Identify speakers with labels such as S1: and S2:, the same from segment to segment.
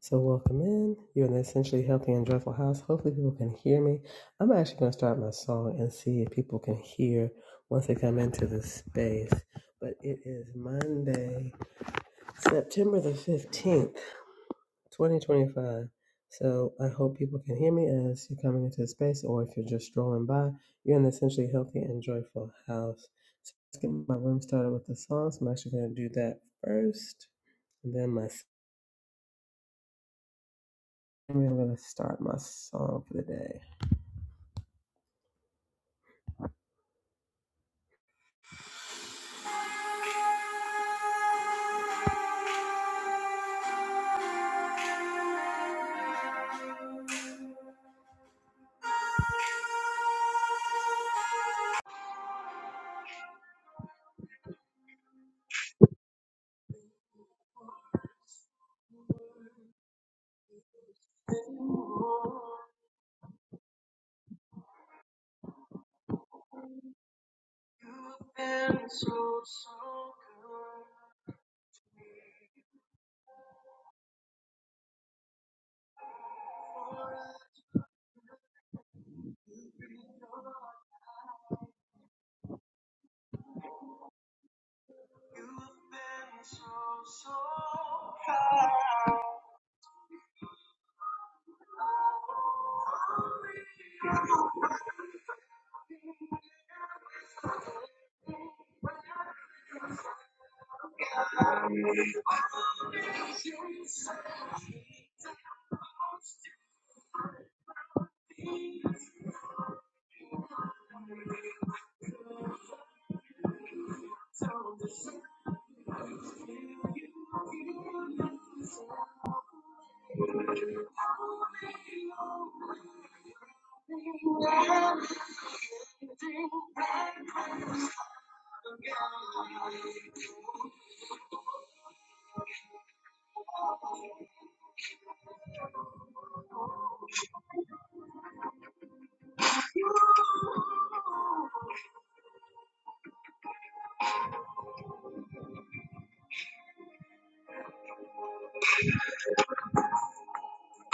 S1: So welcome in. You're in an essentially healthy and joyful house. Hopefully people can hear me. I'm actually going to start my song and see if people can hear once they come into the space. But it is Monday, September the 15th, 2025. So I hope people can hear me as you're coming into the space or if you're just strolling by. You're in the essentially healthy and joyful house. So let's get my room started with the song. So I'm actually going to do that first. And then my I'm going to start my song for the day.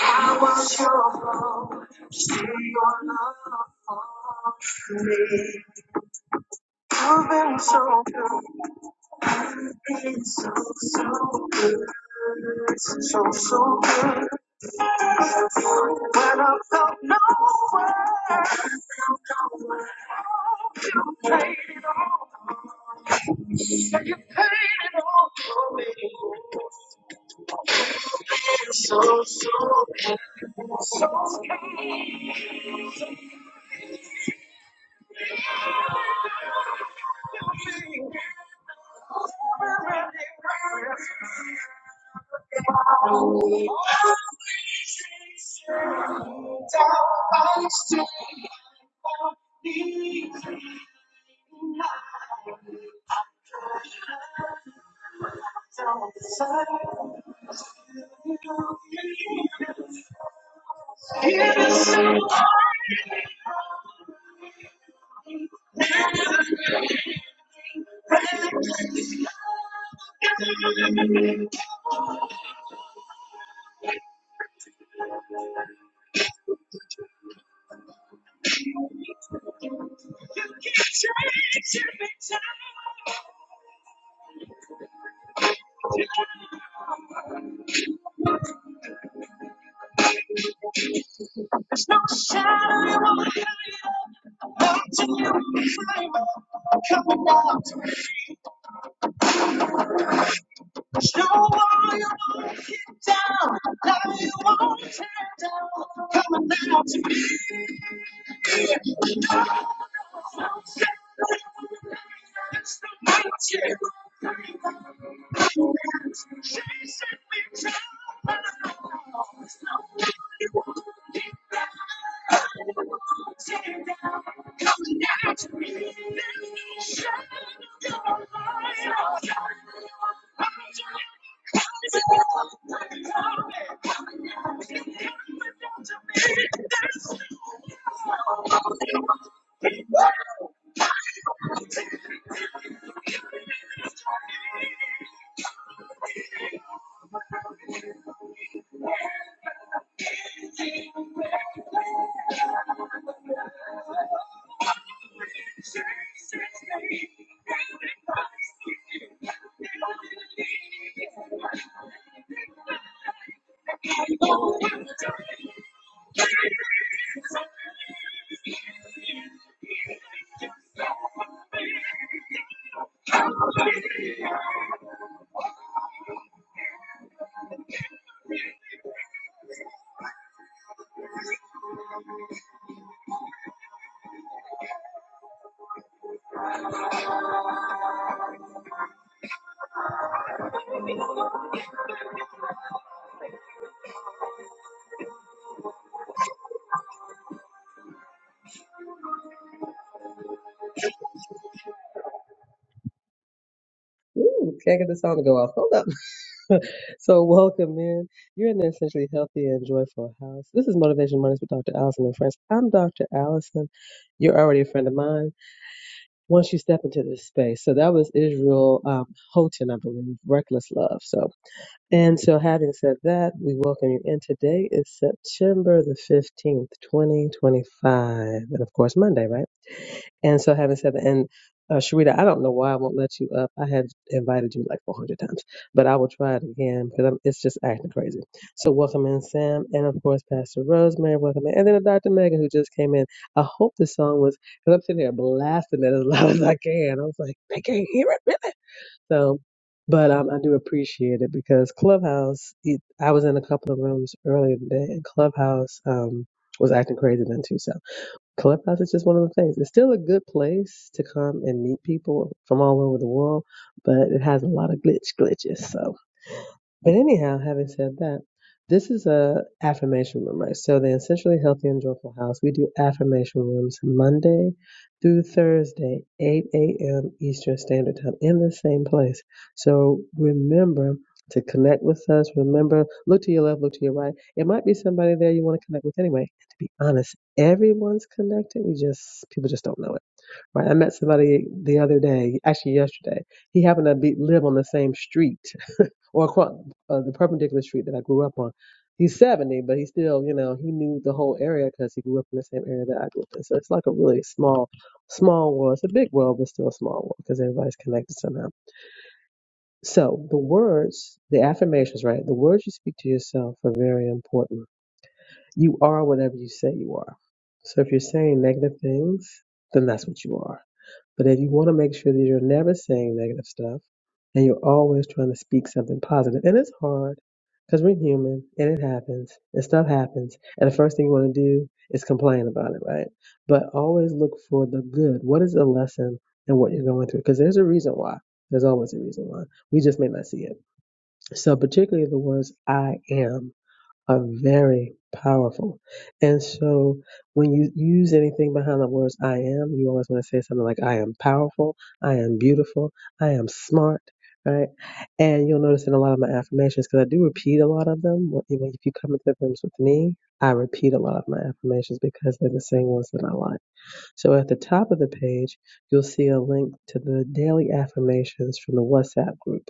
S1: I was your home, still your love for me. You've been so good, you've been so, so good, so, so good. When I felt nowhere, you played it all. So, so, so, so. so. Never really mattered about you. I used to be so easy, now I'm not even trying. I'm so sorry, I still believe in you. Here's to hoping that we'll never be Coming out to me. Ooh, can't get the sound to go off. Hold up. so welcome in. You're in the essentially healthy and joyful house. This is Motivation Mondays with Dr. Allison and friends. I'm Dr. Allison. You're already a friend of mine once you step into this space. So that was Israel um, Houghton, I believe, Reckless Love. So and so having said that, we welcome you in. Today is September the 15th, 2025. And of course, Monday, right? And so, having said that, and uh, Sharita, I don't know why I won't let you up. I had invited you like 400 times, but I will try it again because I'm, it's just acting crazy. So, welcome in, Sam, and of course, Pastor Rosemary. Welcome in, and then Dr. Megan who just came in. I hope the song was because I'm sitting here blasting it as loud as I can. I was like, they can't hear it really. So, but um, I do appreciate it because Clubhouse. It, I was in a couple of rooms earlier today, and Clubhouse um was acting crazy then too. So. Clubhouse is just one of the things. It's still a good place to come and meet people from all over the world, but it has a lot of glitch glitches. So but anyhow, having said that, this is a affirmation room, right? So the essentially healthy and joyful house, we do affirmation rooms Monday through Thursday, 8 a.m. Eastern Standard Time in the same place. So remember to connect with us. Remember, look to your left, look to your right. It might be somebody there you want to connect with anyway. And to be honest, everyone's connected. We just people just don't know it, right? I met somebody the other day, actually yesterday. He happened to be live on the same street or across uh, the perpendicular street that I grew up on. He's 70, but he still, you know, he knew the whole area because he grew up in the same area that I grew up in. So it's like a really small, small world. It's a big world, but still a small world because everybody's connected somehow. So the words, the affirmations, right? The words you speak to yourself are very important. You are whatever you say you are. So if you're saying negative things, then that's what you are but if you want to make sure that you're never saying negative stuff and you're always trying to speak something positive, and it's hard because we're human and it happens and stuff happens. And the first thing you want to do is complain about it, right? But always look for the good. What is the lesson in what you're going through? Because there's a reason why. There's always a reason why. We just may not see it. So, particularly the words I am are very powerful. And so when you use anything behind the words I am, you always want to say something like I am powerful, I am beautiful, I am smart, right? And you'll notice in a lot of my affirmations, because I do repeat a lot of them. When- If you come into the rooms with me, I repeat a lot of my affirmations because they're the same ones that I like. So at the top of the page, you'll see a link to the daily affirmations from the WhatsApp group.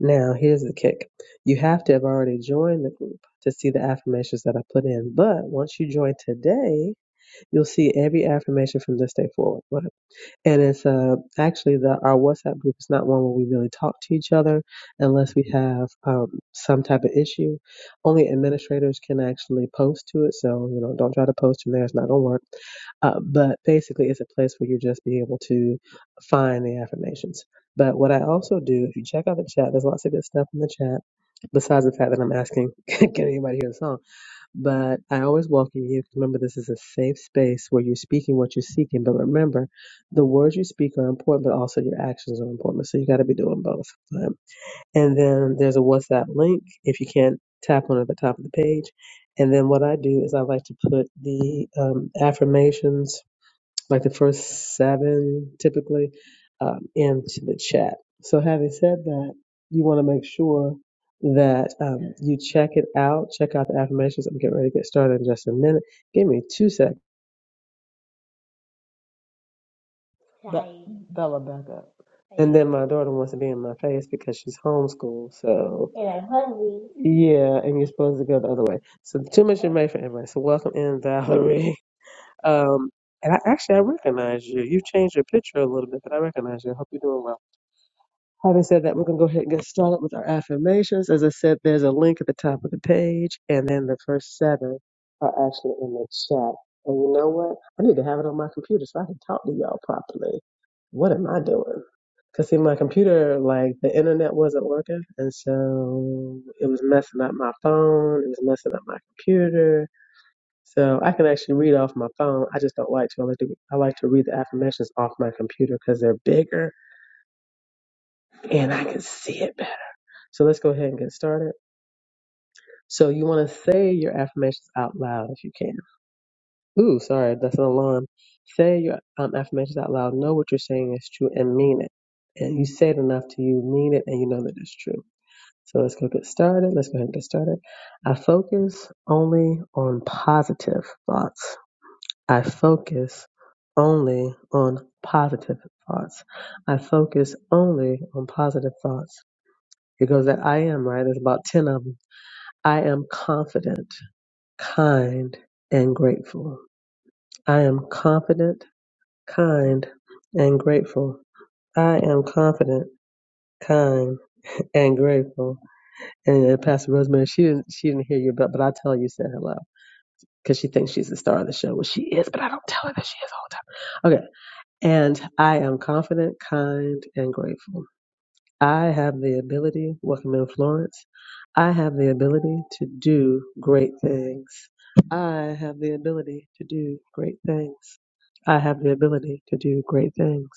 S1: Now, here's the kick. You have to have already joined the group to see the affirmations that I put in. But once you join today, you'll see every affirmation from this day forward. Wow. And it's uh, actually the our WhatsApp group is not one where we really talk to each other unless we have um, some type of issue. Only administrators can actually post to it, so you know don't try to post from there; it's not gonna work. Uh, but basically, it's a place where you just be able to find the affirmations. But what I also do, if you check out the chat, there's lots of good stuff in the chat. Besides the fact that I'm asking, can anybody hear the song? But I always welcome you. Remember, this is a safe space where you're speaking what you're seeking. But remember, the words you speak are important, but also your actions are important. So you got to be doing both. Um, And then there's a WhatsApp link if you can't tap on it at the top of the page. And then what I do is I like to put the um, affirmations like the first seven typically, um, into the chat. So, having said that, you want to make sure that um, you check it out. Check out the affirmations. I'm getting ready to get started in just a minute. Give me two seconds. Be- Right. Bella, back up. And Right. then my daughter wants to be in my face because she's homeschooled. So, And hungry. yeah, and you're supposed to go the other way. So, too much information, everybody. So, welcome in, Valerie. Um, and I, actually, I recognize you. You've changed your picture a little bit, but I recognize you. I hope you're doing well. Having said that, we're going to go ahead and get started with our affirmations. As I said, there's a link at the top of the page, and then the first seven are actually in the chat. And you know what? I need to have it on my computer so I can talk to y'all properly. What am I doing? Because, see, my computer, like, the internet wasn't working, and so it was messing up my phone, it was messing up my computer. So I can actually read off my phone. I just don't like to. I like to, I like to read the affirmations off my computer because they're bigger and I can see it so let's go ahead and get started. So you want to say your affirmations out loud if you can. Ooh, sorry, that's an alarm. Say your um, affirmations out loud. Know what you're saying is true and mean it. And you say it enough to you mean it and you know that it's true. So let's go get started. Let's go ahead and get started. I focus only on positive thoughts. I focus only on positive thoughts. I focus only on positive thoughts. It goes that I am, right? There's about 10 of them. I am confident, kind, and grateful. I am confident, kind, and grateful. I am confident, kind, and grateful. And uh, Pastor Rosemary, she didn't, she didn't hear you, but, but I tell you, said hello because she thinks she's the star of the show. Well, she is, but I don't tell her that she is all the time. Okay. And I am confident, kind, and grateful. I have the ability, welcome in Florence. I have the ability to do great things. I have the ability to do great things. I have the ability to do great things.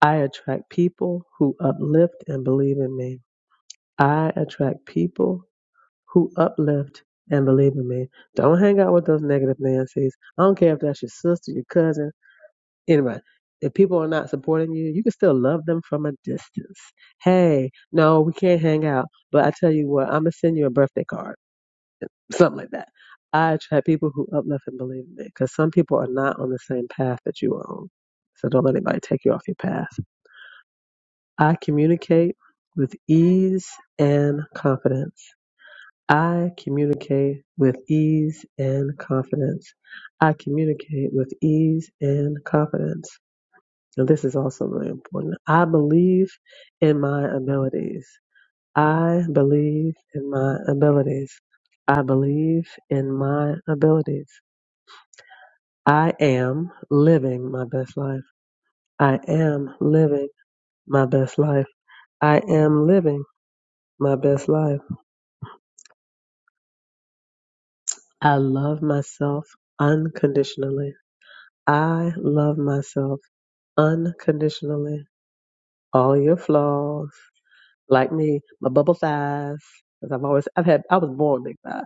S1: I attract people who uplift and believe in me. I attract people who uplift and believe in me. Don't hang out with those negative Nancy's. I don't care if that's your sister, your cousin anyway, if people are not supporting you, you can still love them from a distance. Hey, no, we can't hang out, but I tell you what, I'm gonna send you a birthday card, something like that. I attract people who uplift and believe in me because some people are not on the same path that you are on. So don't let anybody take you off your path. I communicate with ease and confidence. I communicate with ease and confidence. I communicate with ease and confidence. And this is also really important. I believe in my abilities. I believe in my abilities. I believe in my abilities. I am living my best life. I am living my best life. I am living my best life. I love myself unconditionally. I love myself unconditionally. All your flaws like me, my bubble thighs, 'cause I've always, I've had, I was born big thighs.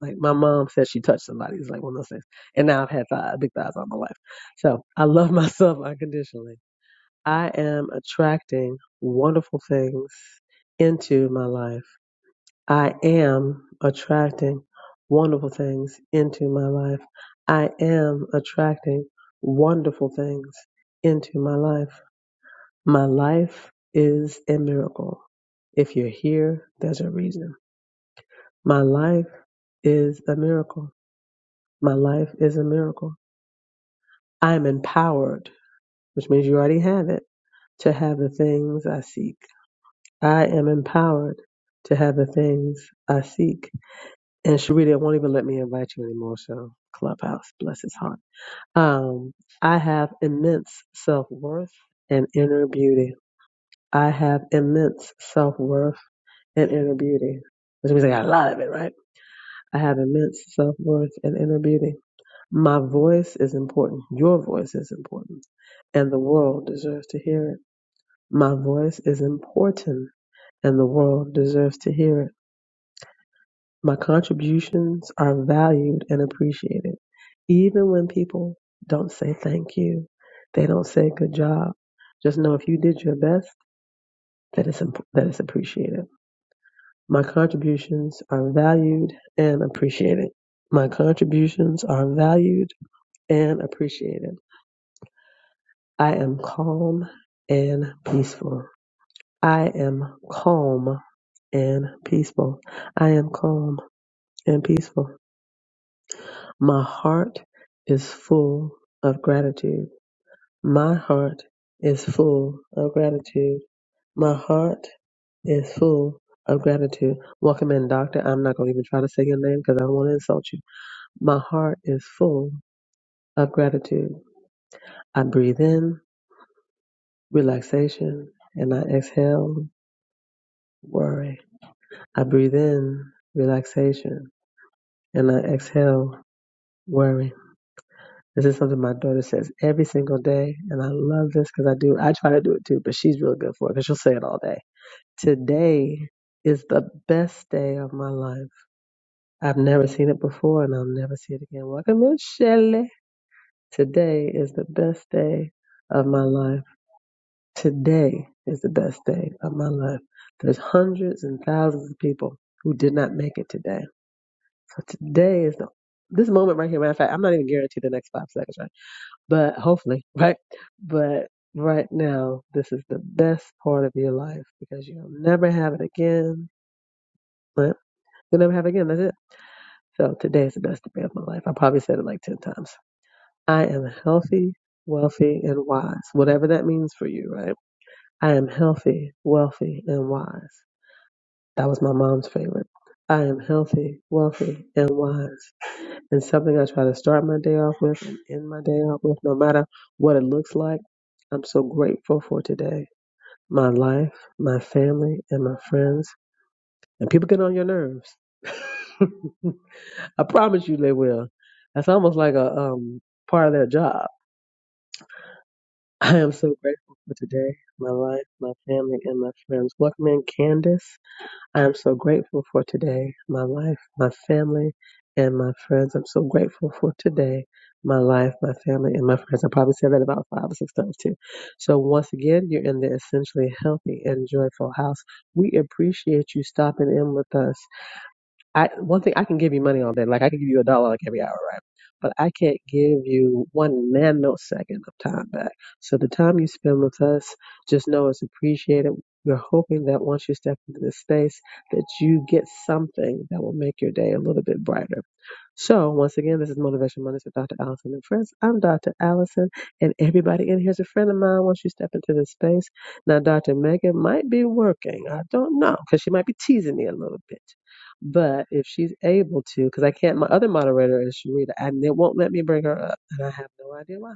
S1: Like my mom said, she touched somebody's like one of those things. And now I've had thighs, big thighs all my life. So I love myself unconditionally. I am attracting wonderful things into my life. I am attracting wonderful things into my life. I am attracting wonderful things into my life. My life is a miracle. If you're here, there's a reason. My life is a miracle. My life is a miracle. I am empowered, which means you already have it, to have the things I seek. I am empowered to have the things I seek. And Sharita it won't even let me invite you anymore, so Clubhouse, bless his heart. Um, I have immense self worth and inner beauty. I have immense self worth and inner beauty, which means I got a lot of it, right? I have immense self worth and inner beauty. My voice is important. Your voice is important. And the world deserves to hear it. My voice is important and the world deserves to hear it. My contributions are valued and appreciated. Even when people don't say thank you, they don't say good job. Just know if you did your best, that it's, that it's appreciated. My contributions are valued and appreciated. My contributions are valued and appreciated. I am calm and peaceful. I am calm and peaceful. I am calm and peaceful. My heart is full of gratitude. My heart is full of gratitude. My heart is full of gratitude. Welcome in, Doctor. I'm not going to even try to say your name because I don't want to insult you. My heart is full of gratitude. I breathe in relaxation and I exhale worry. I breathe in relaxation and I exhale worry. This is something my daughter says every single day, and I love this because I do. I try to do it too, but she's really good for it because she'll say it all day. Today is the best day of my life. I've never seen it before, and I'll never see it again. Welcome in, Shelley. Today is the best day of my life. Today is the best day of my life. There's hundreds and thousands of people who did not make it today. So today is the this moment right here. Matter of fact, I'm not even guaranteed the next five seconds, right? But hopefully, right? But right now, this is the best part of your life because you'll never have it again. Right? You'll never have it again. That's it. So today is the best day of my life. I probably said it like ten times. I am healthy, wealthy, and wise. Whatever that means for you, right? I am healthy, wealthy, and wise. That was my mom's favorite. I am healthy, wealthy, and wise. And something I try to start my day off with and end my day off with, no matter what it looks like. I'm so grateful for today, my life, my family, and my friends. And people get on your nerves. I promise you they will. That's almost like a um part of their job. I am so grateful for today, my life, my family, and my friends. Welcome in Candace. I am so grateful for today, my life, my family, and my friends. I'm so grateful for today, my life, my family, and my friends. I probably said that about five or six times too. So, once again, you're in the essentially healthy and joyful house. We appreciate you stopping in with us. I one thing I can give you money all day. Like I can give you a dollar like every hour, right? But I can't give you one nanosecond of time back. So the time you spend with us, just know it's appreciated. We're hoping that once you step into this space, that you get something that will make your day a little bit brighter. So once again, this is Motivation Mondays with Dr. Allison and friends. I'm Dr. Allison, and everybody in here is a friend of mine. Once you step into this space, now Dr. Megan might be working. I don't know because she might be teasing me a little bit. But if she's able to, because I can't, my other moderator is Sharita, and it won't let me bring her up, and I have no idea why.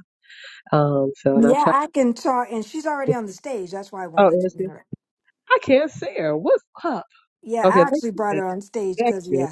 S1: Um, so and I
S2: Yeah,
S1: try.
S2: I can talk, and she's already on the stage. That's why I won't
S1: Oh,
S2: let you
S1: is
S2: in
S1: she?
S2: her.
S1: I can't see her. What's up?
S2: Yeah,
S1: Okay,
S2: I
S1: thank
S2: actually brought
S1: you.
S2: her on stage
S1: Thank
S2: because
S1: you.
S2: yeah,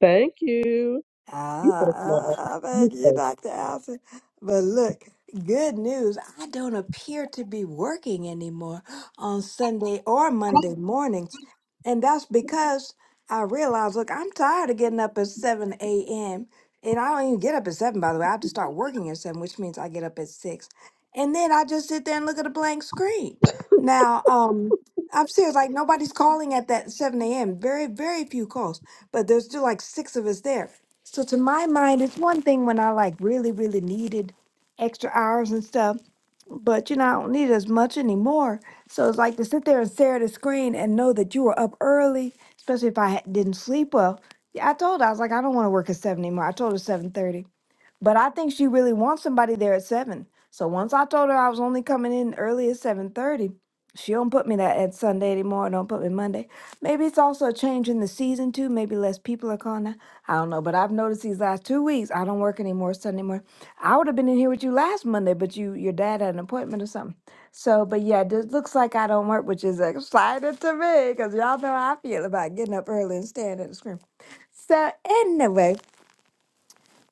S1: Thank you.
S2: I,
S1: You so smart.
S2: I, I
S1: You
S2: thank you,
S1: so.
S2: Dr. Allison. But look, good news. I don't appear to be working anymore on Sunday or Monday mornings. And that's because I realized, look, I'm tired of getting up at 7 a.m. And I don't even get up at 7, by the way. I have to start working at 7, which means I get up at 6. And then I just sit there and look at a blank screen. Now, um, I'm serious, like nobody's calling at that 7 a.m. Very, very few calls, but there's still like six of us there. So to my mind, it's one thing when I like really, really needed extra hours and stuff, but you know, I don't need as much anymore. So it's like to sit there and stare at a screen and know that you were up early, especially if I ha- didn't sleep well. Yeah, I told her, I was like, I don't want to work at seven anymore. I told her seven thirty. But I think she really wants somebody there at seven. So once I told her I was only coming in early at seven thirty, she don't put me that at Sunday anymore. Don't put me Monday. Maybe it's also a change in the season too. Maybe less people are calling. Now. I don't know. But I've noticed these last two weeks I don't work anymore Sunday morning. I would have been in here with you last Monday, but you your dad had an appointment or something. So, but yeah, this looks like I don't work, which is exciting to me because y'all know how I feel about getting up early and staring at the screen. So anyway.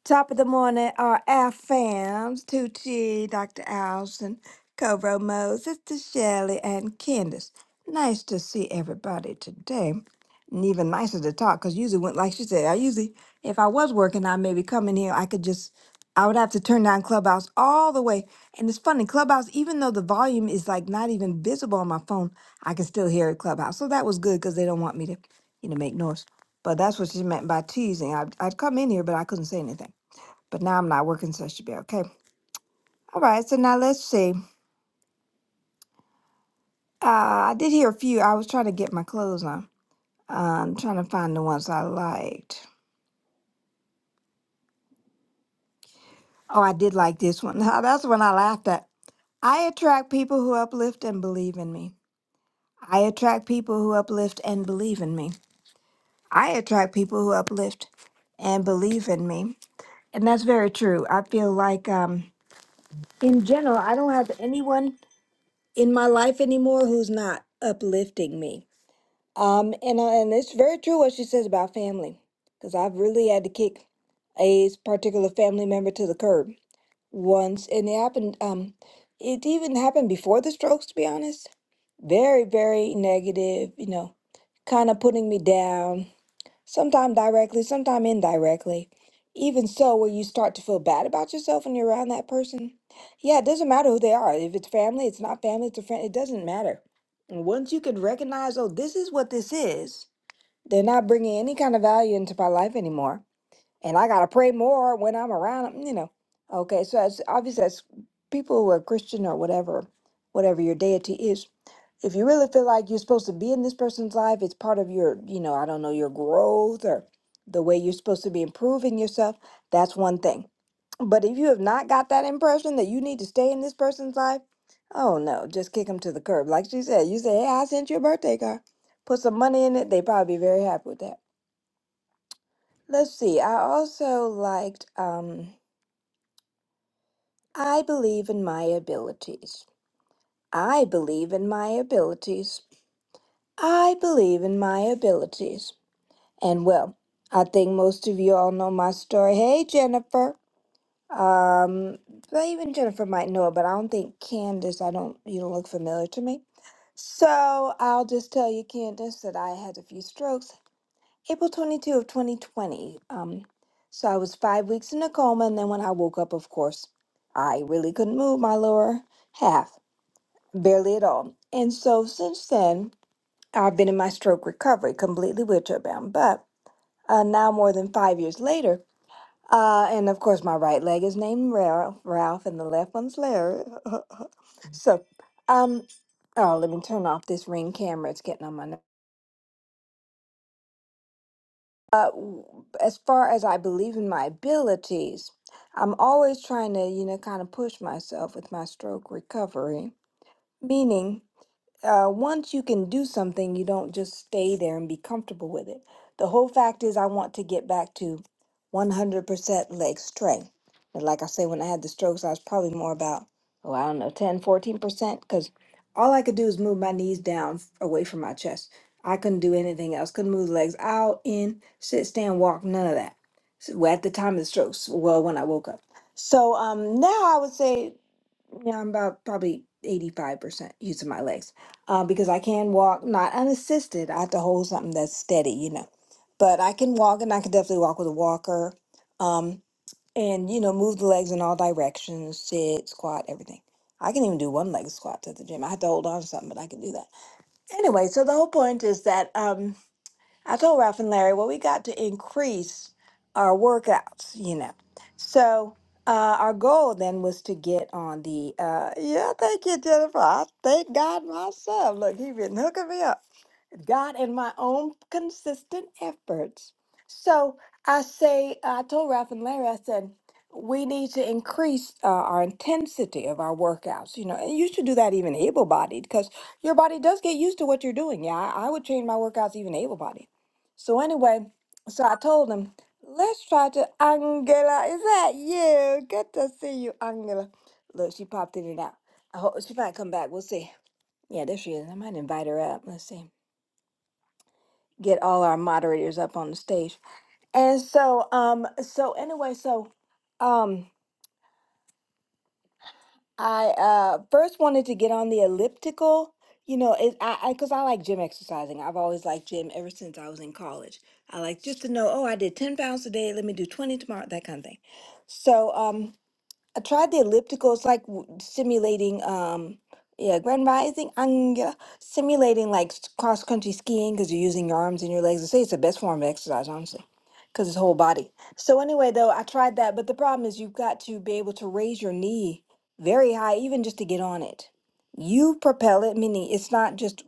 S2: Top of the morning are our fams, Tucci, Dr. Allison, Cobro Mo, Sister Shelley, and Candace. Nice to see everybody today. And even nicer to talk, because usually, when, like she said, I usually, if I was working, I maybe come in here, I could just, I would have to turn down Clubhouse all the way. And it's funny, Clubhouse, even though the volume is like not even visible on my phone, I can still hear it Clubhouse. So that was good, because they don't want me to, you know, make noise. But that's what she meant by teasing. I'd, I'd come in here, but I couldn't say anything but now I'm not working, so I should be okay. All right, so now let's see. Uh, I did hear a few. I was trying to get my clothes on. I'm trying to find the ones I liked. Oh, I did like this one. That's the one I laughed at. I attract people who uplift and believe in me. I attract people who uplift and believe in me. I attract people who uplift and believe in me. And that's very true. I feel like, um, in general, I don't have anyone in my life anymore who's not uplifting me Um, and uh, and it's very true what she says about family, because I've really had to kick a particular family member to the curb once, and it happened. Um, it even happened before the strokes, to be honest. Very, very negative. You know, kind of putting me down. Sometime directly, sometime indirectly. Even so, where you start to feel bad about yourself when you're around that person. Yeah, it doesn't matter who they are. If it's family, it's not family, it's a friend. It doesn't matter. And once you can recognize, oh, this is what this is they're not bringing any kind of value into my life anymore. And I got to pray more when I'm around 'em, you know. Okay, so as obviously as people who are Christian or whatever, whatever your deity is, if you really feel like you're supposed to be in this person's life, it's part of your, you know, I don't know, your growth or the way you're supposed to be improving yourself, that's one thing. But if you have not got that impression that you need to stay in this person's life, oh no, just kick them to the curb. Like she said, you say, hey, I sent you a birthday card. Put some money in it, they probably be very happy with that. Let's see. I also liked um I believe in my abilities. I believe in my abilities. I believe in my abilities. And well, I think most of you all know my story. Hey Jennifer. Um but even Jennifer might know it, but I don't think Candace, I don't you don't look familiar to me. So I'll just tell you, Candace, that I had a few strokes April 22 of 2020. Um, so I was five weeks in a coma, and then when I woke up, of course, I really couldn't move my lower half, barely at all. And so since then, I've been in my stroke recovery, completely wheelchair bound. But uh, now, more than five years later, uh, and of course, my right leg is named Ralph, Ralph and the left one's Larry. so, um, oh, let me turn off this ring camera. It's getting on my nerves. Uh, w- as far as I believe in my abilities, I'm always trying to, you know, kind of push myself with my stroke recovery, meaning uh, once you can do something, you don't just stay there and be comfortable with it. The whole fact is, I want to get back to 100% leg strength. And like I say, when I had the strokes, I was probably more about, oh, I don't know, 10, 14%, because all I could do is move my knees down f- away from my chest. I couldn't do anything else. Couldn't move the legs out, in, sit, stand, walk, none of that. So, well, at the time of the strokes, well, when I woke up. So um, now I would say yeah, I'm about probably 85% using my legs uh, because I can walk, not unassisted. I have to hold something that's steady, you know. But I can walk and I can definitely walk with a walker um, and, you know, move the legs in all directions, sit, squat, everything. I can even do one leg squats at the gym. I have to hold on to something, but I can do that. Anyway, so the whole point is that. Um, I told Ralph and Larry, well, we got to increase our workouts, you know. So uh, our goal then was to get on the, uh, yeah, thank you, Jennifer. I thank God myself. Look, he been hooking me up. God and my own consistent efforts. So I say, uh, I told Ralph and Larry, I said, we need to increase uh, our intensity of our workouts. You know, and you should do that even able bodied because your body does get used to what you're doing. Yeah, I, I would change my workouts even able bodied. So, anyway, so I told him, let's try to, Angela, is that you? Good to see you, Angela. Look, she popped in and out. I hope she might come back. We'll see. Yeah, there she is. I might invite her up. Let's see get all our moderators up on the stage. And so, um, so anyway, so um, I uh, first wanted to get on the elliptical. You know, it I I because I, like gym exercising. I've always liked gym ever since I was in college. I like just to know, oh, I did ten pounds today. Let me do twenty tomorrow, that kind of thing. So, um, I tried the elliptical. It's like w- simulating, um, yeah, grand rising, anga, simulating like cross country skiing because you're using your arms and your legs. I say it's the best form of exercise, honestly, because it's whole body. So anyway, though, I tried that, but the problem is you've got to be able to raise your knee very high, even just to get on it. You propel it, meaning it's not just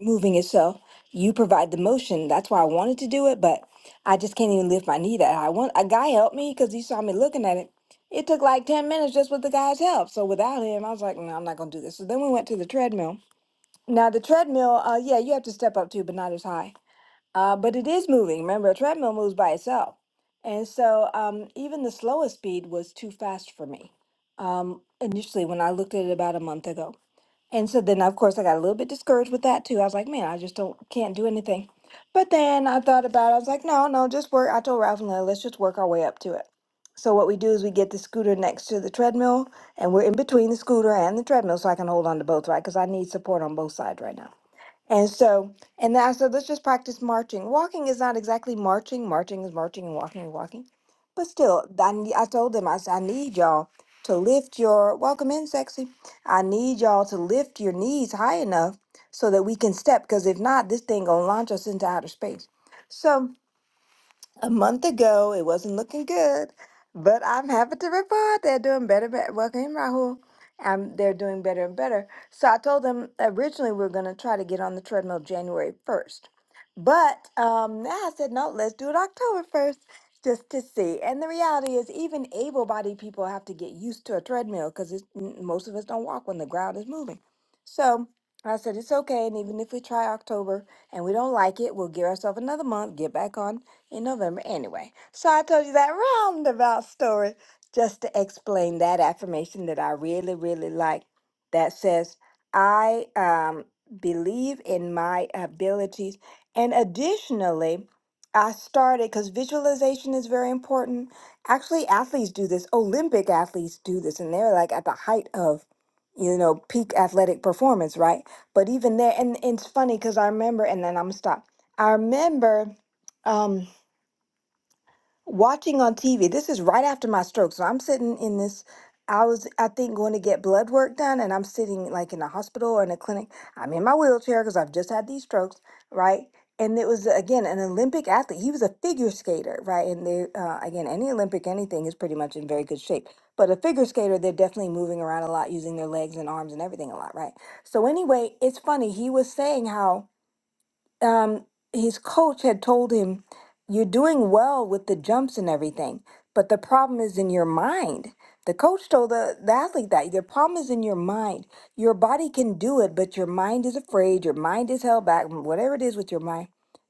S2: moving itself. You provide the motion. That's why I wanted to do it, but I just can't even lift my knee that high. One, a guy helped me because he saw me looking at it. It took like 10 minutes just with the guy's help. So without him, I was like, no, I'm not going to do this. So then we went to the treadmill. Now, the treadmill, uh, yeah, you have to step up too, but not as high. Uh, but it is moving. Remember, a treadmill moves by itself. And so um, even the slowest speed was too fast for me um, initially when I looked at it about a month ago. And so then, of course, I got a little bit discouraged with that too. I was like, man, I just don't can't do anything. But then I thought about it. I was like, no, no, just work. I told Ralph and Lily, let's just work our way up to it. So what we do is we get the scooter next to the treadmill, and we're in between the scooter and the treadmill, so I can hold on to both, right? Because I need support on both sides right now. And so, and then I said, let's just practice marching. Walking is not exactly marching. Marching is marching and walking and walking. But still, I, ne- I told them, I said, I need y'all to lift your, welcome in, sexy. I need y'all to lift your knees high enough so that we can step. Because if not, this thing going to launch us into outer space. So, a month ago. It wasn't looking good, but I'm happy to report they're doing better. better. Welcome in, Rahul. Um, they're doing better and better. So I told them originally we are going to try to get on the treadmill January 1st. But um, now I said, no, let's do it October 1st just to see. And the reality is, even able bodied people have to get used to a treadmill because most of us don't walk when the ground is moving. So I said, it's okay. And even if we try October and we don't like it, we'll give ourselves another month, get back on in November. Anyway, so I told you that roundabout story just to explain that affirmation that I really, really like that says, I um, believe in my abilities. And additionally, I started because visualization is very important. Actually, athletes do this, Olympic athletes do this, and they're like at the height of you know, peak athletic performance, right? But even there, and it's funny because I remember, and then I'm gonna stop. I remember, um watching on TV. This is right after my stroke. So I'm sitting in this. I was, I think, going to get blood work done, and I'm sitting like in a hospital or in a clinic. I'm in my wheelchair because I've just had these strokes, right? And it was again an Olympic athlete. He was a figure skater, right? And they, uh, again, any Olympic anything is pretty much in very good shape. But a figure skater, they're definitely moving around a lot, using their legs and arms and everything a lot, right? So anyway, it's funny. He was saying how um, his coach had told him, You're doing well with the jumps and everything, but the problem is in your mind. The coach told the, the athlete that the problem is in your mind. Your body can do it, but your mind is afraid, your mind is held back, whatever it is with your mind.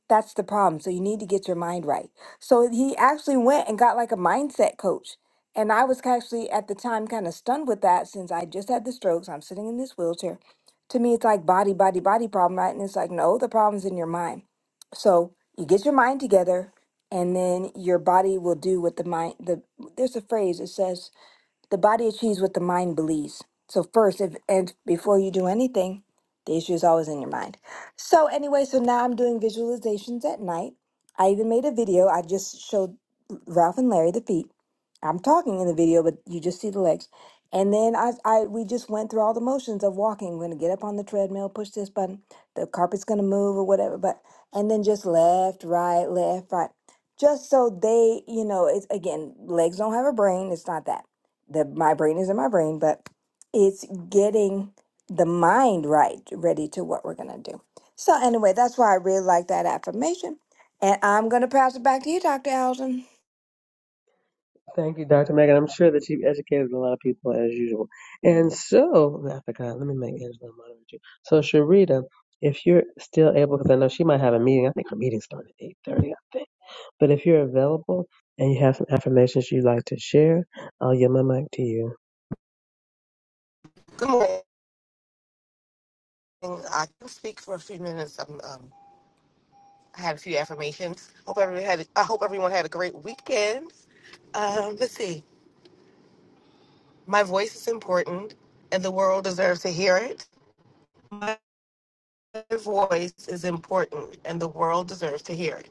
S2: That's the problem. So you need to get your mind right. So he actually went and got like a mindset coach. And I was actually at the time kind of stunned with that since I just had the strokes. I'm sitting in this wheelchair to me it's like body body body problem right and it's like no the problem's in your mind so you get your mind together and then your body will do what the mind the there's a phrase it says the body achieves what the mind believes. So first, if and before you do anything, the issue is always in your mind. So anyway, so now I'm doing visualizations at night. I even made a video. I just showed Ralph and Larry the feet. I'm talking in the video, but you just see the legs. And then I, I we just went through all the motions of walking. We're gonna get up on the treadmill, push this button, the carpet's gonna move or whatever, but and then just left, right, left, right. Just so they, you know, it's again, legs don't have a brain, it's not that the my brain is in my brain, but it's getting the mind right, ready to what we're gonna do. So anyway, that's why I really like that affirmation. And I'm gonna pass it back to you, Dr. Allison.
S1: Thank you, Dr. Megan. I'm sure that you've educated a lot of people as usual. And so, I forgot. Let me make Angela moderate you. So, Sharita, if you're still able, because I know she might have a meeting. I think her meeting started at 8:30. I think. But if you're available and you have some affirmations you'd like to share, I'll yield my mic to you.
S3: Good morning. I can speak for a few minutes. Um, um, I had a few affirmations. Hope everyone had. I hope everyone had a great weekend. Um, let's see. My voice is important, and the world deserves to hear it. My voice is important, and the world deserves to hear it.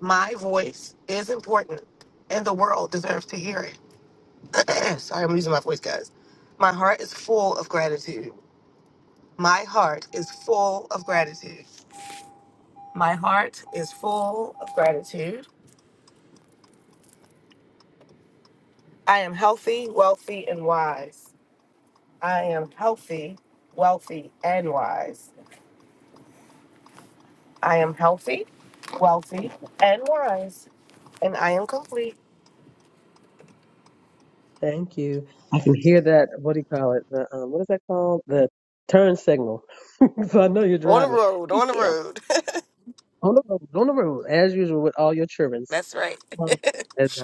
S3: My voice is important, and the world deserves to hear it. Sorry, I'm losing my voice, guys. My heart is full of gratitude. My heart is full of gratitude. My heart is full of gratitude. I am healthy, wealthy, and wise. I am healthy, wealthy, and wise. I am healthy, wealthy, and wise. And I am complete.
S1: Thank you. I can hear that. What do you call it? The um, what is that called? The turn signal. so I know you're
S3: On the
S1: driving.
S3: road,
S1: Be
S3: on the
S1: careful
S3: road.
S1: on the road. On the road, as usual with all your children.
S3: That's right.
S1: Well, as I-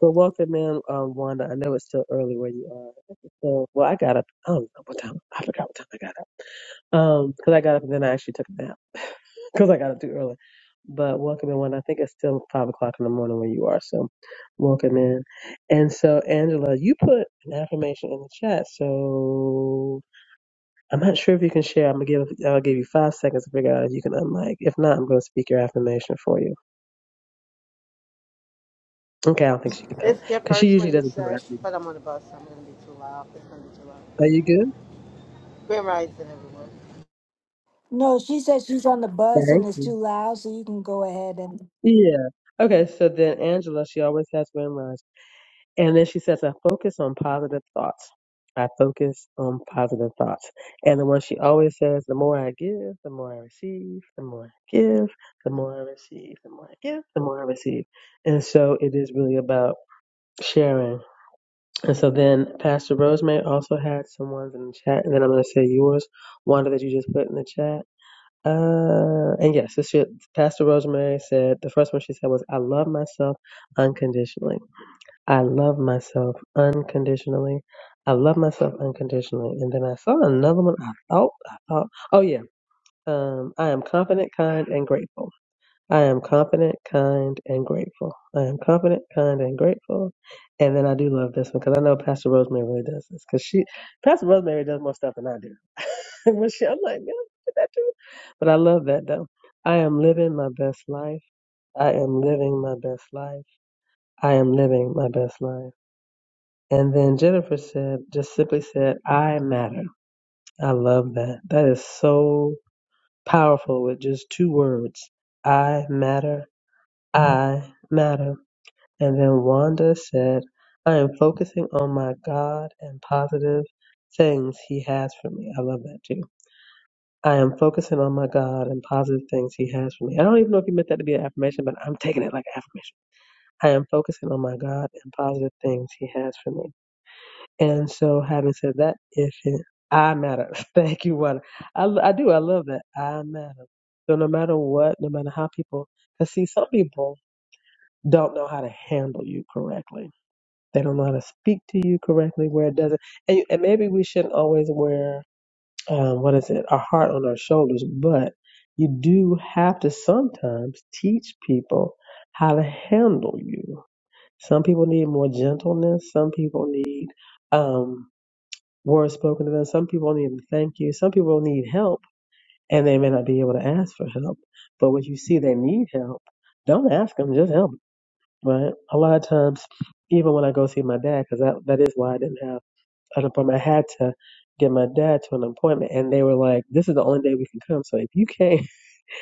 S1: Well, welcome in, um, Wanda. I know it's still early where you are. So, well, I got up. I don't know what time. I forgot what time I got up. Um, 'cause I got up and then I actually took a nap, cause I got up too early. But welcome in one. I think it's still five o'clock in the morning where you are, so welcome in. And so Angela, you put an affirmation in the chat, so I'm not sure if you can share. I'm gonna give I'll give you five seconds to figure out if you can unmic. If not, I'm gonna speak your affirmation for you. Okay, I don't think she can come in
S4: It's your
S1: because she
S4: first
S1: usually
S4: one you
S1: doesn't do
S4: said,
S1: affirmation.
S4: but I'm on the bus, so I'm gonna be too loud. It's gonna be too loud.
S1: Are you good?
S4: Grand rising, everyone.
S2: No, she said she's on the bus and
S1: Thank
S2: it's
S1: you.
S2: too loud, so you can go ahead and.
S1: Yeah. Okay, so then Angela, she always has been right. And then she says, I focus on positive thoughts. I focus on positive thoughts. And the one she always says, the more I give, the more I receive, the more I give, the more I receive, the more I give, the more I receive. And so it is really about sharing. And so then Pastor Rosemary also had some ones in the chat, and then I'm going to say yours, Wanda, that you just put in the chat. Uh, and yes, this year, Pastor Rosemary said, the first one she said was, I love myself unconditionally. I love myself unconditionally. I love myself unconditionally. And then I saw another one. I thought, I thought, oh yeah, um, I am confident, kind, and grateful. I am confident, kind, and grateful. I am confident, kind, and grateful. And then I do love this one because I know Pastor Rosemary really does this because she, Pastor Rosemary does more stuff than I do. when she, I'm like, yeah, did that too. But I love that though. I am living my best life. I am living my best life. I am living my best life. And then Jennifer said, just simply said, I matter. I love that. That is so powerful with just two words. I matter. I matter. And then Wanda said, I am focusing on my God and positive things He has for me. I love that too. I am focusing on my God and positive things He has for me. I don't even know if you meant that to be an affirmation, but I'm taking it like an affirmation. I am focusing on my God and positive things He has for me. And so, having said that, if it, I matter, thank you, Wanda. I, l- I do. I love that. I matter. So, no matter what, no matter how people, because see, some people don't know how to handle you correctly. They don't know how to speak to you correctly where it doesn't. And, and maybe we shouldn't always wear, um, what is it, our heart on our shoulders, but you do have to sometimes teach people how to handle you. Some people need more gentleness. Some people need. um, words spoken to them. Some people need to thank you. Some people need help, and they may not be able to ask for help. But when you see they need help, don't ask them, just help 'em, right? A lot of times, even when I go see my dad, because that, that is why I didn't have an appointment, I had to get my dad to an appointment, and they were like, "This is the only day we can come. So if you can't,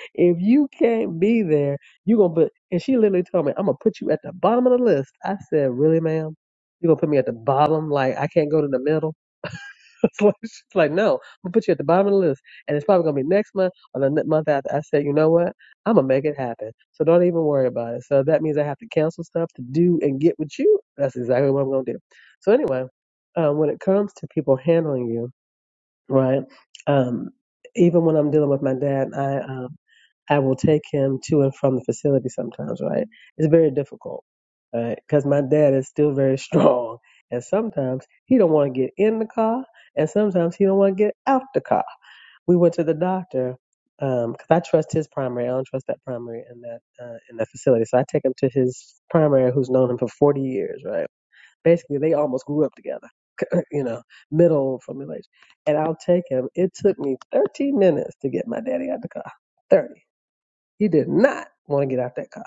S1: if you can't be there, you gonna put." And she literally told me, "I'm gonna put you at the bottom of the list." I said, "Really, ma'am? You gonna put me at the bottom? Like I can't go to the middle?" It's like, she's like, no, I'm gonna put you at the bottom of the list, and it's probably gonna be next month or the ne- month after. I said, you know what? I'm gonna make it happen. So don't even worry about it. So that means I have to cancel stuff to do and get with you. That's exactly what I'm gonna do. So anyway, um, when it comes to people handling you right? Um, even when I'm dealing with my dad, I um, I will take him to and from the facility sometimes, right? It's very difficult, right? Because my dad is still very strong, and sometimes he don't want to get in the car, and sometimes he don't want to get out the car. We went to the doctor because I trust his primary. I don't trust that primary in that uh, in that facility, so I take him to his primary, who's known him for 40 years, right? Basically, they almost grew up together, you know, middle formulation. And I'll take him. It took me 13 minutes to get my daddy out the car. 30. He did not want to get out that car.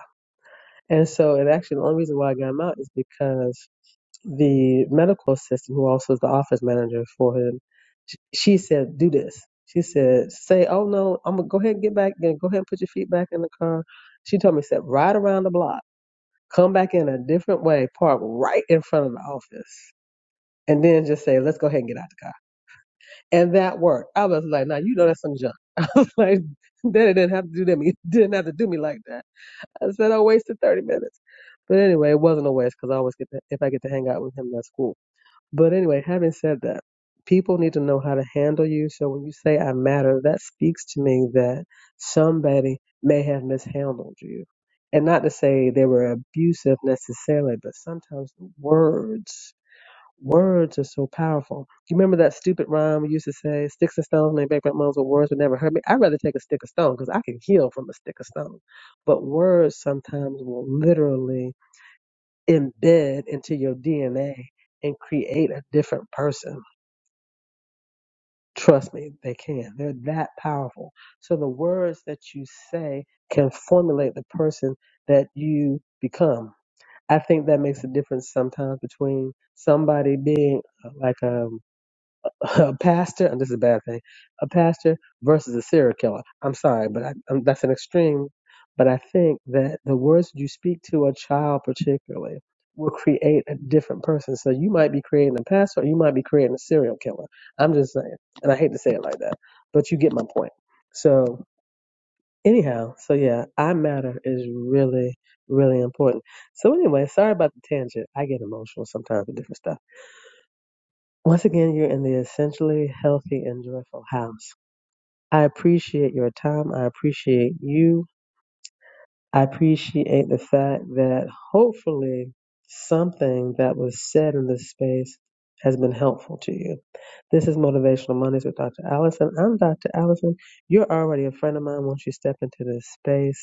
S1: And so, and actually, the only reason why I got him out is because the medical assistant, who also is the office manager for him, sh- she said, do this. She said, say, oh no, I'm going to go ahead and get back. Then Go ahead and put your feet back in the car. She told me, said, ride around the block come back in a different way, park right in front of the office and then just say, let's go ahead and get out the car. And that worked. I was like, now you know that's some junk. I was like, Daddy didn't have to do that. Me didn't have to do me like that. I said I wasted 30 minutes. But anyway, it wasn't a waste because I always get to, if I get to hang out with him, that's cool. But anyway, having said that, people need to know how to handle you. So when you say I matter, that speaks to me that somebody may have mishandled you. And not to say they were abusive necessarily, but sometimes the words Words are so powerful. You remember that stupid rhyme we used to say, sticks and stones may break my bones, but words would never hurt me? I'd rather take a stick of stone because I can heal from a stick of stone. But words sometimes will literally embed into your DNA and create a different person. Trust me, they can. They're that powerful. So the words that you say can formulate the person that you become. I think that makes a difference sometimes between somebody being uh, like a a pastor, and this is a bad thing, a pastor versus a serial killer. I'm sorry, but I, i that's an extreme. But I think that the words you speak to a child, particularly, will create a different person. So you might be creating a pastor, or you might be creating a serial killer. I'm just saying, and I hate to say it like that, but you get my point. So anyhow, so yeah, I matter is really, really important. So anyway, sorry about the tangent. I get emotional sometimes with different stuff. Once again, you're in the essentially healthy and joyful house. I appreciate your time. I appreciate you. I appreciate the fact that hopefully something that was said in this space has been helpful to you. This is Motivational Mondays with Dr. Allison. I'm Dr. Allison. You're already a friend of mine once you step into this space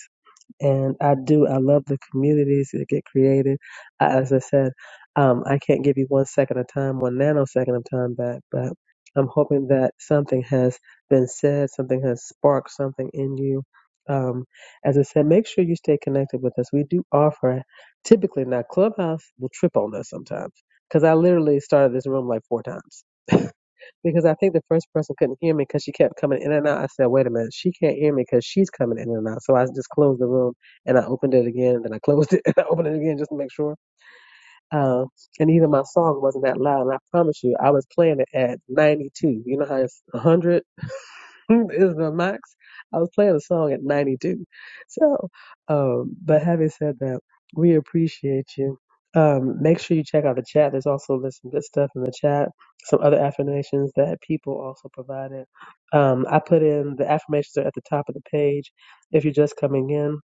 S1: and I do. I love the communities that get created. I, as I said, um, I can't give you one second of time, one nanosecond of time back, but I'm hoping that something has been said, something has sparked something in you. Um, as I said, make sure you stay connected with us. We do offer, typically now, Clubhouse will trip on us sometimes because I literally started this room like four times. Because I think the first person couldn't hear me because she kept coming in and out. I said, wait a minute, she can't hear me because she's coming in and out. So I just closed the room and I opened it again and then I closed it and I opened it again just to make sure. Uh, and even my song wasn't that loud. And I promise you, I was playing it at 92. You know how it's 100? Is Isla Max. I was playing a song at 92. So, um, but having said that, we appreciate you. Um, make sure you check out the chat. There's also there's some good stuff in the chat. Some other affirmations that people also provided. Um, I put in the affirmations are at the top of the page. If you're just coming in,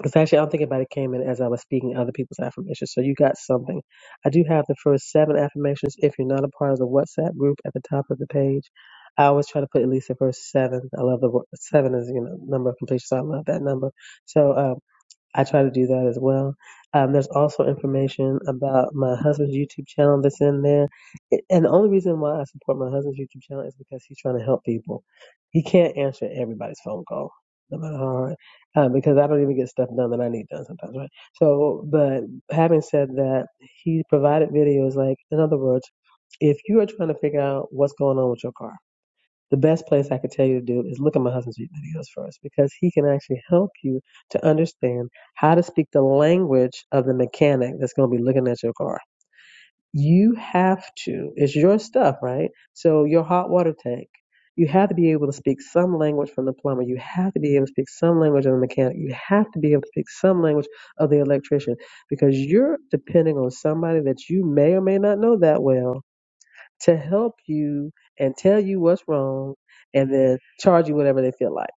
S1: because actually, I don't think about it came in as I was speaking other people's affirmations. So you got something. I do have the first seven affirmations. If you're not a part of the WhatsApp group at the top of the page, I always try to put at least the first seven. I love the wo- seven is you know number of completion, so I love that number. So um, I try to do that as well. Um, there's also information about my husband's YouTube channel that's in there. It, and the only reason why I support my husband's YouTube channel is because he's trying to help people. He can't answer everybody's phone call, no matter how hard, um, because I don't even get stuff done that I need done sometimes, right? So, but having said that, he provided videos like, in other words, if you are trying to figure out what's going on with your car, the best place I could tell you to do is look at my husband's videos first because he can actually help you to understand how to speak the language of the mechanic that's going to be looking at your car. You have to, it's your stuff, right? So, your hot water tank, you have to be able to speak some language from the plumber. You have to be able to speak some language of the mechanic. You have to be able to speak some language of the electrician because you're depending on somebody that you may or may not know that well to help you and tell you what's wrong and then charge you whatever they feel like.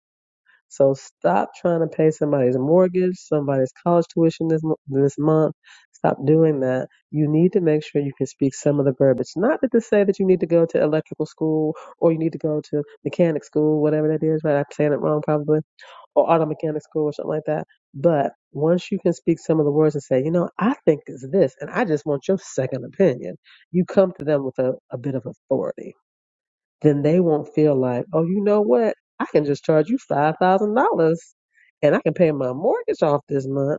S1: So stop trying to pay somebody's mortgage, somebody's college tuition this this month. Stop doing that. You need to make sure you can speak some of the verbiage. Not to say that you need to go to electrical school or you need to go to mechanic school, whatever that is. Right? I'm saying it wrong probably or auto mechanic school or something like that. But once you can speak some of the words and say, you know, I think it's this, and I just want your second opinion, you come to them with a, a bit of authority. Then they won't feel like, oh, you know what? I can just charge you $5,000 and I can pay my mortgage off this month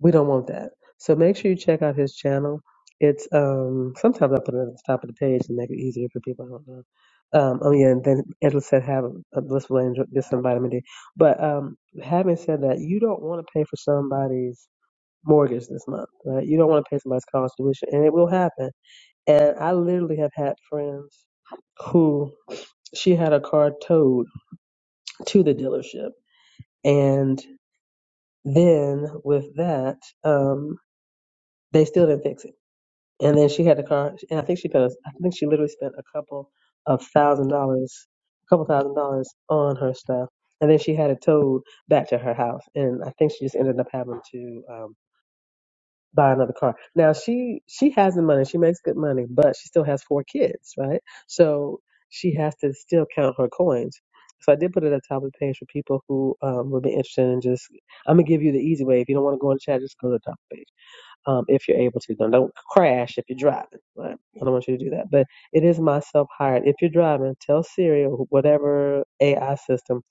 S1: we don't want that. So make sure you check out his channel. It's um sometimes I put it at the top of the page to make it easier for people. I don't know. Um, oh yeah, and then Edla said have a blissful and just some vitamin D. But um, having said that, you don't want to pay for somebody's mortgage this month, right? You don't want to pay somebody's college tuition, and it will happen. And I literally have had friends who she had a car towed to the dealership, and then with that, um, they still didn't fix it And then she had a car, and I think she spent, I think she literally spent a couple of thousand dollars, a couple thousand dollars on her stuff. And then she had it towed back to her house, and I think she just ended up having to um, buy another car. Now she she has the money, she makes good money, but she still has four kids, right? So she has to still count her coins. So I did put it at the top of the page for people who um, would be interested in just. I'm gonna give you the easy way. If you don't want to go in the chat, just go to the top page um, if you're able to. Don't, don't crash if you're driving. Right? I don't want you to do that. But it is my self hired. If you're driving, tell Siri or whatever AI system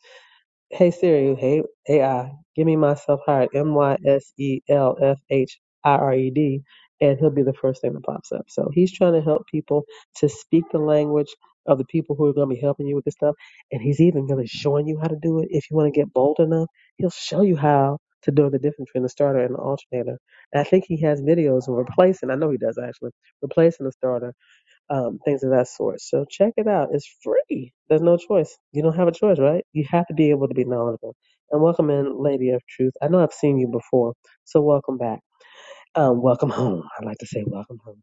S1: Hey Siri, hey AI, give me myself hired, M Y S E L F H I R E D, and he'll be the first thing that pops up. So he's trying to help people to speak the language of the people who are going to be helping you with this stuff, and he's even really showing you how to do it. If you want to get bold enough, he'll show you how to do the difference between the starter and the alternator. And I think he has videos of replacing. I know he does actually replacing the starter um, things of that sort. So check it out. It's free. There's no choice. You don't have a choice, right? You have to be able to be knowledgeable. And welcome in, Lady of Truth. I know I've seen you before, so welcome back. Um, welcome home. I like to say welcome home.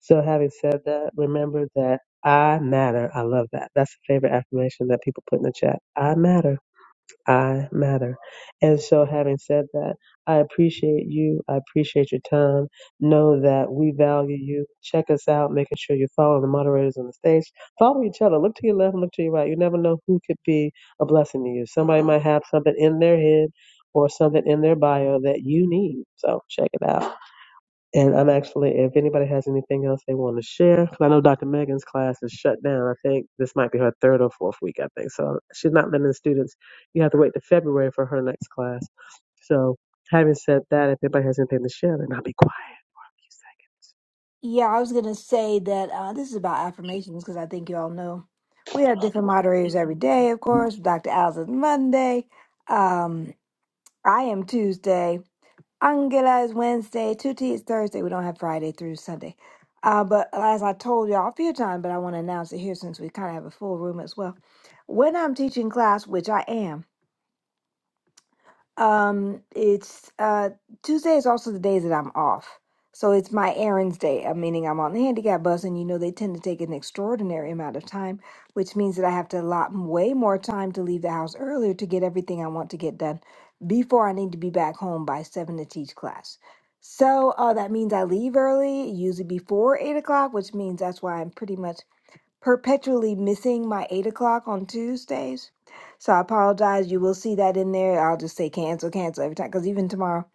S1: So having said that, remember that I matter. I love that. That's a favorite affirmation that people put in the chat. I matter. I matter. And so, having said that, I appreciate you. I appreciate your time. Know that we value you. Check us out, making sure you're following the moderators on the stage. Follow each other. Look to your left and look to your right. You never know who could be a blessing to you. Somebody might have something in their head or something in their bio that you need. So, check it out. And I'm actually, if anybody has anything else they want to share, 'cause I know Dr. Megan's class is shut down. I think this might be her third or fourth week, I think. So she's not letting the students, you have to wait to February for her next class. So having said that, if anybody has anything to share, then I'll be quiet. a seconds.
S2: Yeah, I was gonna say that uh, this is about affirmations because I think you all know we have different moderators every day, of course. Dr. Allison Monday. Um, I am Tuesday. Angela is Wednesday. Tutti is Thursday. We don't have Friday through Sunday. Uh, but as I told y'all a few times, but I want to announce it here since we kind of have a full room as well. When I'm teaching class, which I am, um, it's uh Tuesday is also the days that I'm off. So it's my errands day, uh, meaning I'm on the handicap bus, and you know they tend to take an extraordinary amount of time, which means that I have to allot way more time to leave the house earlier to get everything I want to get done before I need to be back home by seven to teach class. So uh, that means I leave early, usually before eight o'clock, which means that's why I'm pretty much perpetually missing my eight o'clock on Tuesdays. So I apologize. You will see that in there. I'll just say cancel, cancel every time because even tomorrow,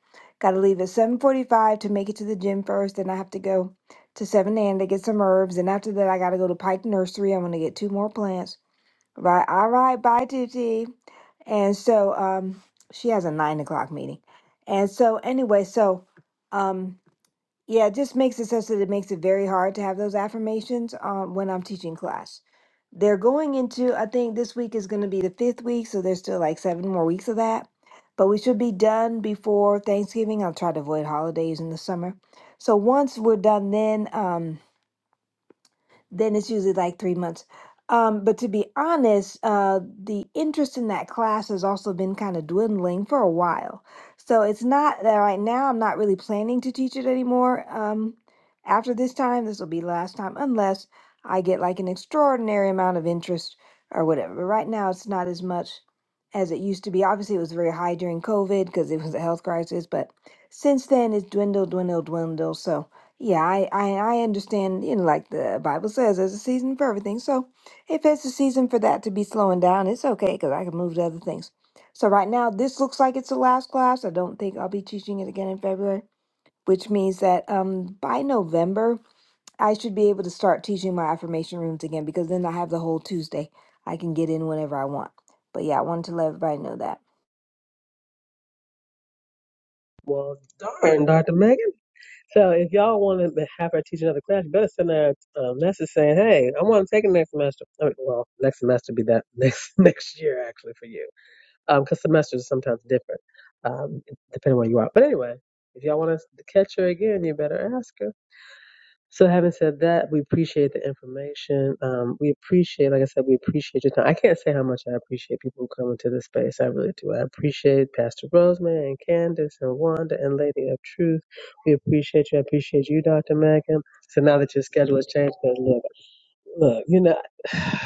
S2: got to leave at seven forty-five to make it to the gym first. Then I have to go to Seven and to get some herbs, and after that, I got to go to Pike Nursery. I'm gonna get two more plants. Right, all right, bye, Tuti. And so, um, she has a nine o'clock meeting, and so anyway, so, um. Yeah, it just makes it such that it makes it very hard to have those affirmations um, when I'm teaching class. They're going into, I think this week is going to be the fifth week, so there's still like seven more weeks of that. But we should be done before Thanksgiving. I'll try to avoid holidays in the summer. So once we're done, then. Um, then it's usually like three months. Um, but to be honest, uh, the interest in that class has also been kind of dwindling for a while. So it's not that right now I'm not really planning to teach it anymore. Um, after this time, this will be last time, unless I get like an extraordinary amount of interest or whatever. But right now, it's not as much as it used to be. Obviously, it was very high during COVID because it was a health crisis, but since then, it's dwindled, dwindled, dwindled. So, yeah, I, I I understand, you know, like the Bible says, there's a season for everything. So if it's a season for that to be slowing down, it's okay because I can move to other things. So right now, this looks like it's the last class. I don't think I'll be teaching it again in February, which means that um by November I should be able to start teaching my affirmation rooms again because then I have the whole Tuesday. I can get in whenever I want. But yeah, I wanted to let everybody know that.
S1: Well, darn, Dr. Megan. So if y'all want to have her teach another class, you better send her a message saying, hey, I want to take it next semester. I mean, well, next semester be that next next year, actually, for you. because semesters are sometimes different, um, depending where you are. But anyway, if y'all want to catch her again, you better ask her. So, having said that, we appreciate the information. Um, we appreciate, like I said, we appreciate your time. I can't say how much I appreciate people who come into this space. I really do. I appreciate Pastor Rosemary and Candace and Wanda and Lady of Truth. We appreciate you. I appreciate you, Dr. Megan. So now that your schedule has changed, 'cause look, look, you know.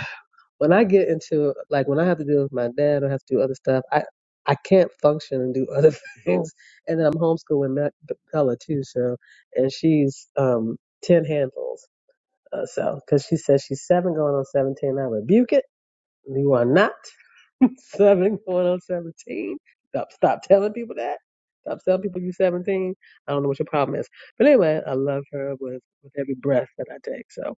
S1: when I get into like when I have to deal with my dad or have to do other stuff, I I can't function and do other things. And I'm homeschooling Ma- Bella too, so and she's um ten handfuls. Uh, so because she says she's seven going on seventeen, I rebuke it. You are not seven going on seventeen. Stop stop telling people that. Stop telling people you are seventeen. I don't know what your problem is. But anyway, I love her with, with every breath that I take. So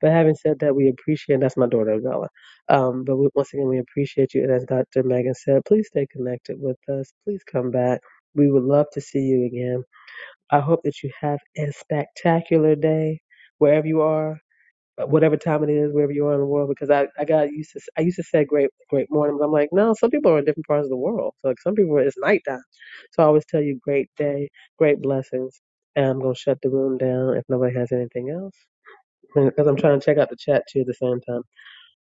S1: but having said that, we appreciate and that's my daughter Bella. Um but we, once again we appreciate you and as Dr. Megan said, please stay connected with us. Please come back. We would love to see you again. I hope that you have a spectacular day wherever you are uh, whatever time it is, wherever you are in the world, because I, I got used to I used to say great great morning, but I'm like, no, some people are in different parts of the world. So like some people it's nighttime. So I always tell you great day, great blessings, and I'm gonna shut the room down if nobody has anything else. Because I'm trying to check out the chat too at the same time.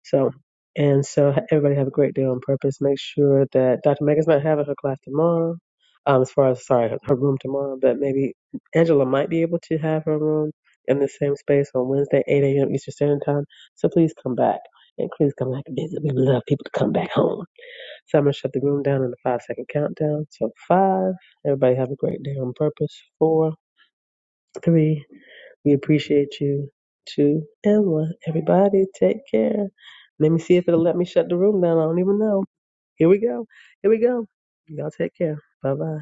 S1: So, and so ha- everybody have a great day on purpose. Make sure that Dr. Megan's not having her class tomorrow, um, as far as, sorry, her, her room tomorrow, but maybe Angela might be able to have her room in the same space on Wednesday, 8 a.m. Eastern Standard Time. So please come back. And please come back and visit. We love people to come back home. So I'm going to shut the room down in the five second countdown. So five. Everybody have a great day on purpose. Four, three, we appreciate you too. And one. Everybody take care. Let me see if it'll let me shut the room down. I don't even know. Here we go. Here we go. Y'all take care. Bye bye.